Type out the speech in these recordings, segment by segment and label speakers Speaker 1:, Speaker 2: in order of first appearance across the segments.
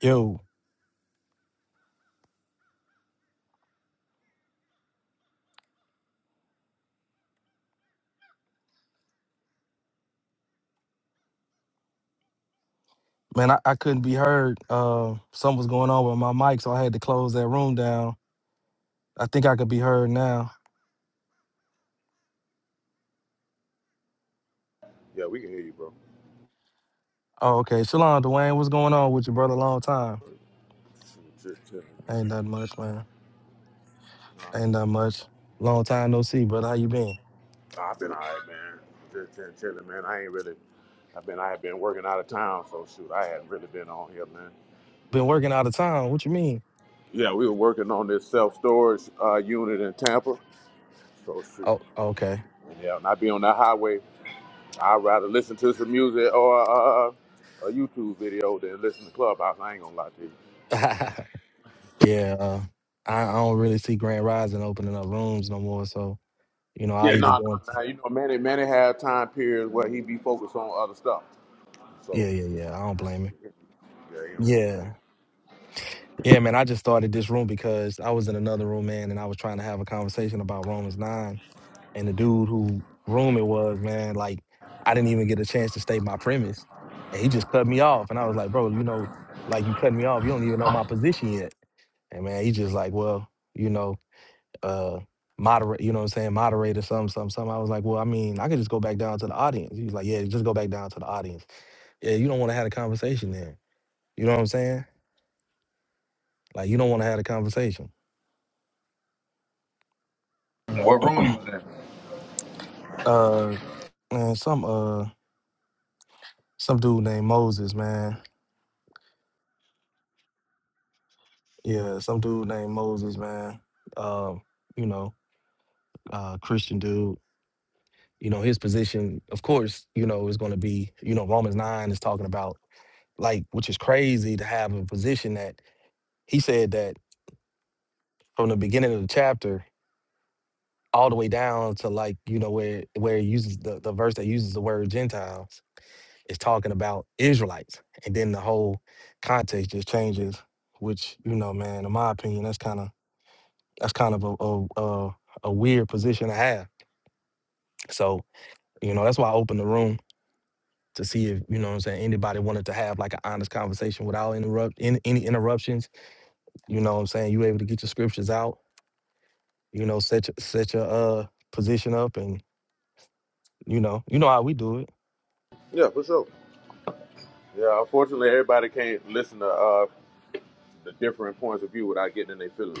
Speaker 1: Yo, man, I, I couldn't be heard. Uh, something was going on with my mic, so I had to close that room down. I think I could be heard now.
Speaker 2: Yeah, we can hear you, bro.
Speaker 1: Oh, okay. Shalom, Dwayne, what's going on with you, brother? Long time.
Speaker 2: Just chilling,
Speaker 1: Ain't
Speaker 2: man.
Speaker 1: that much, man. Ain't
Speaker 2: Uh,
Speaker 1: that much. Long time no see, brother. How you been?
Speaker 2: I've been all right, man. Just been chilling, man. I ain't really. I've been. I have been working out of town, so shoot, I hadn't really been on here, man.
Speaker 1: Been working out of town. What you mean?
Speaker 2: Yeah, we were working on this self storage uh, unit in Tampa. So shoot.
Speaker 1: Oh, okay.
Speaker 2: And yeah, and I be on that highway. I'd rather listen to some music or uh, uh, a YouTube video than listen to Clubhouse. I ain't gonna lie to you.
Speaker 1: yeah, uh, I, I don't really see Grand Rising opening up rooms no more. So, you know, I
Speaker 2: Yeah,
Speaker 1: either
Speaker 2: no,
Speaker 1: go
Speaker 2: no,
Speaker 1: into,
Speaker 2: no. You know, Manny, Manny had time periods where he be focused on other stuff. So
Speaker 1: yeah, yeah, yeah. I don't blame him.
Speaker 2: yeah, he don't open it.
Speaker 1: Yeah, Yeah, man, I just started this room because I was in another room, man, and I was trying to have a conversation about Romans 9. And the dude who room it was, man, like, I didn't even get a chance to state my premise. And he just cut me off. And I was like, bro, you know, like, you cut me off. You don't even know my position yet. And, man, he just like, well, you know, uh, moderate, you know what I'm saying, moderate or something, something, something. I was like, well, I mean, I could just go back down to the audience. He was like, yeah, just go back down to the audience. Yeah, you don't want to have a conversation there. You know what I'm saying? Like, you don't want to have a conversation
Speaker 2: What room you was in?
Speaker 1: Uh. man, some uh some dude named Moses, man. Yeah, some dude named Moses, man. Um, you know, uh Christian dude. You know, his position, of course, you know, is gonna be, you know, Romans nine is talking about like, which is crazy to have a position that he said that from the beginning of the chapter all the way down to like, you know, where where it uses the, the verse that uses the word Gentiles is talking about Israelites. And then the whole context just changes, which, you know, man, in my opinion, that's kind of That's kind of a a, a, a weird position to have. So you know that's why I opened the room to see if you know what I'm saying anybody wanted to have like an honest conversation without interrupt in any interruptions. You know what I'm saying you able to get your scriptures out. You know set your- set your uh position up and you know you know how we do it.
Speaker 2: Yeah, for sure. Yeah, unfortunately, everybody can't listen to uh, the different points of view without getting in their feelings.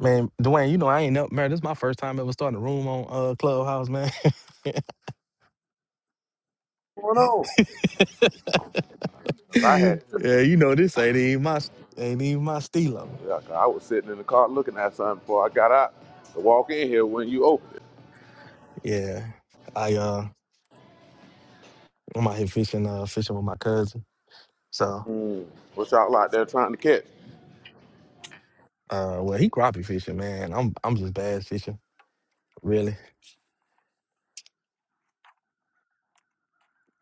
Speaker 1: Man, Dwayne, you know I ain't never man. This is my first time ever starting a room on uh Clubhouse, man. yeah,
Speaker 2: What's going on? I had, yeah,
Speaker 1: you know this ain't even my ain't even my stilo.
Speaker 2: 'cause I was sitting in the car looking at something before I got out to walk in here when you opened it.
Speaker 1: Yeah, I uh I'm out here fishing uh fishing with my cousin. So,
Speaker 2: Mm. What y'all out there trying to catch?
Speaker 1: uh, well, he crappie fishing, man. I'm I'm just bass fishing, really.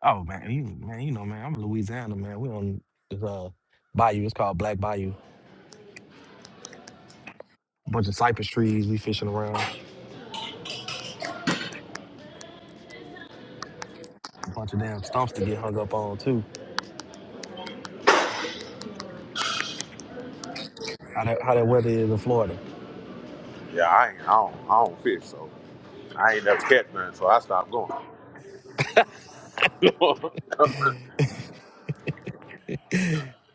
Speaker 1: Oh man, you man, you know, man, I'm in Louisiana, man. We on this uh bayou. It's called Black Bayou. Bunch of cypress trees. We fishing around. Bunch of damn stumps to get hung up on too. How that how that weather is in Florida.
Speaker 2: Yeah, I ain't. I don't, I don't fish, so I ain't never catch none, so I stopped going.
Speaker 1: uh,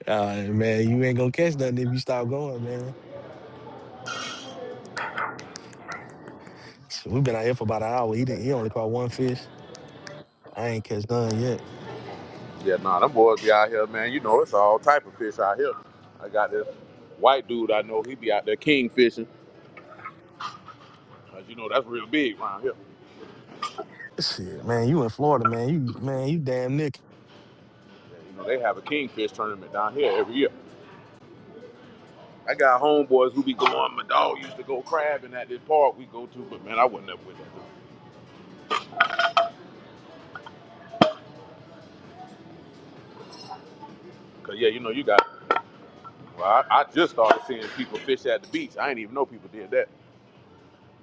Speaker 1: man, you ain't gonna catch nothing if you stop going, man. So we been out here for about an hour. He didn't. He only caught one fish. I ain't catch none yet.
Speaker 2: yeah, nah, them boys be out here, man. You know, it's all type of fish out here. I got this white dude I know. He be out there king fishing. 'Cause you know that's real big around here.
Speaker 1: Shit, man. You in Florida, man. You man. You damn Nick.
Speaker 2: You know, they have a kingfish tournament down here every year. I got homeboys who be going. My dog used to go crabbing at this park we go to, but man, I wasn't up with that. Cause yeah, you know, you got. Well, I, I just started seeing people fish at the beach. I didn't even know people did that.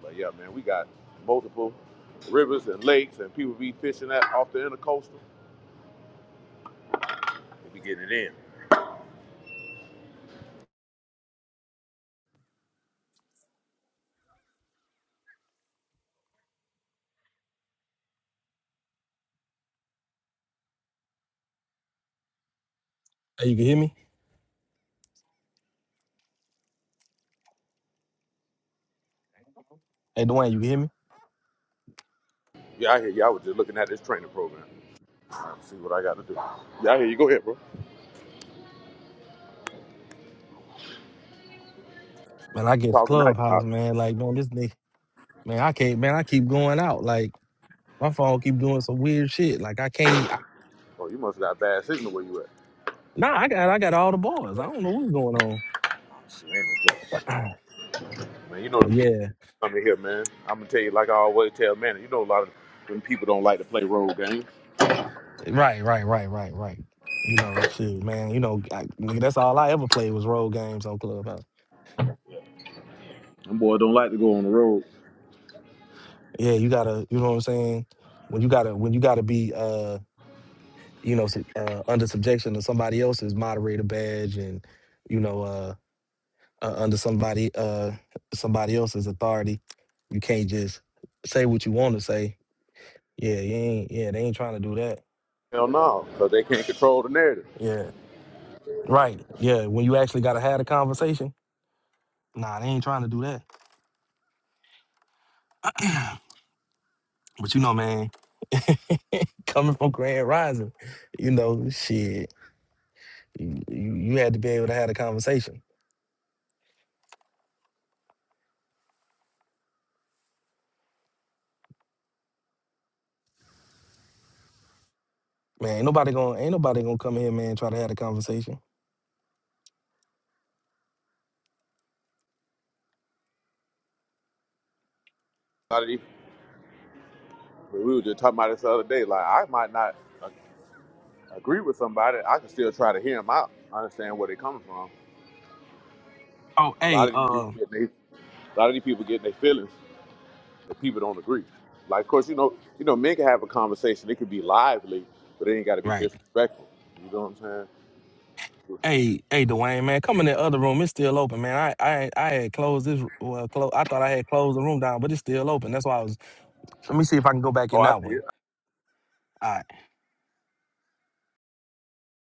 Speaker 2: But yeah, man, we got multiple rivers and lakes, and people be fishing at off the intercoastal. They be getting it in.
Speaker 1: Hey, you can hear me? Hey, Dwayne, you can hear me?
Speaker 2: Yeah, I hear you. I was just looking at this training program. All right, see what I got to do. Yeah, I hear you. Go ahead, bro.
Speaker 1: Man, I
Speaker 2: You
Speaker 1: get
Speaker 2: talking now? You
Speaker 1: Clubhouse,
Speaker 2: out?
Speaker 1: man. Like, man, this nigga, man, I can't, man, I keep going out. Like, my phone keep doing some weird shit. Like, I can't. I,
Speaker 2: Oh, you must have got bad signal where you at.
Speaker 1: nah, I got, I got all the bars. I don't know what's going on.
Speaker 2: Shit, ain't no telling. Man, you know the
Speaker 1: But
Speaker 2: people.
Speaker 1: yeah,
Speaker 2: i coming here, man. I'm gonna tell you like I always tell man. You know, a lot of when people don't like to play road games,
Speaker 1: right, right, right, right, right. You know, shit, man. You know, I, nigga, that's all I ever played was road games on Clubhouse.
Speaker 2: them boys don't like to go on the road.
Speaker 1: Yeah, you gotta, you know what I'm saying. When you gotta, when you gotta be, uh, you know, sub- uh, under subjection to somebody else's moderator badge and, you know, uh. uh, under somebody uh somebody else's authority. You can't just say what you want to say. Yeah, you ain't. Yeah, they ain't trying to do that.
Speaker 2: Hell no, because they can't control the narrative.
Speaker 1: Yeah, right. Yeah, when you actually gotta have a conversation, nah, they ain't trying to do that. but you know, man, coming from Grand Rising, you know, shit, you, you you had to be able to have a conversation. Man, ain't nobody gonna ain't nobody gonna come in here, man, and try to have a conversation.
Speaker 2: A lot of these, we were just talking about this the other day. Like I might not a- agree with somebody, I can still try to hear them out. I understand where they coming from.
Speaker 1: Oh,
Speaker 2: A lot
Speaker 1: hey,
Speaker 2: of these people
Speaker 1: uh,
Speaker 2: get they, a lot of these people get their feelings that people don't agree. Like, of course, you know, you know, men can have a conversation. It could be lively, but it ain't got to be
Speaker 1: right.
Speaker 2: disrespectful. You know what I'm saying?
Speaker 1: Hey, hey, Dwayne, man, come in the other room. It's still open, man. I, I, I had closed this. Well, close. I thought I had closed the room down, but it's still open. That's why I was. Let me see if I can go back
Speaker 2: Oh,
Speaker 1: in
Speaker 2: I see
Speaker 1: that
Speaker 2: it.
Speaker 1: one. All right.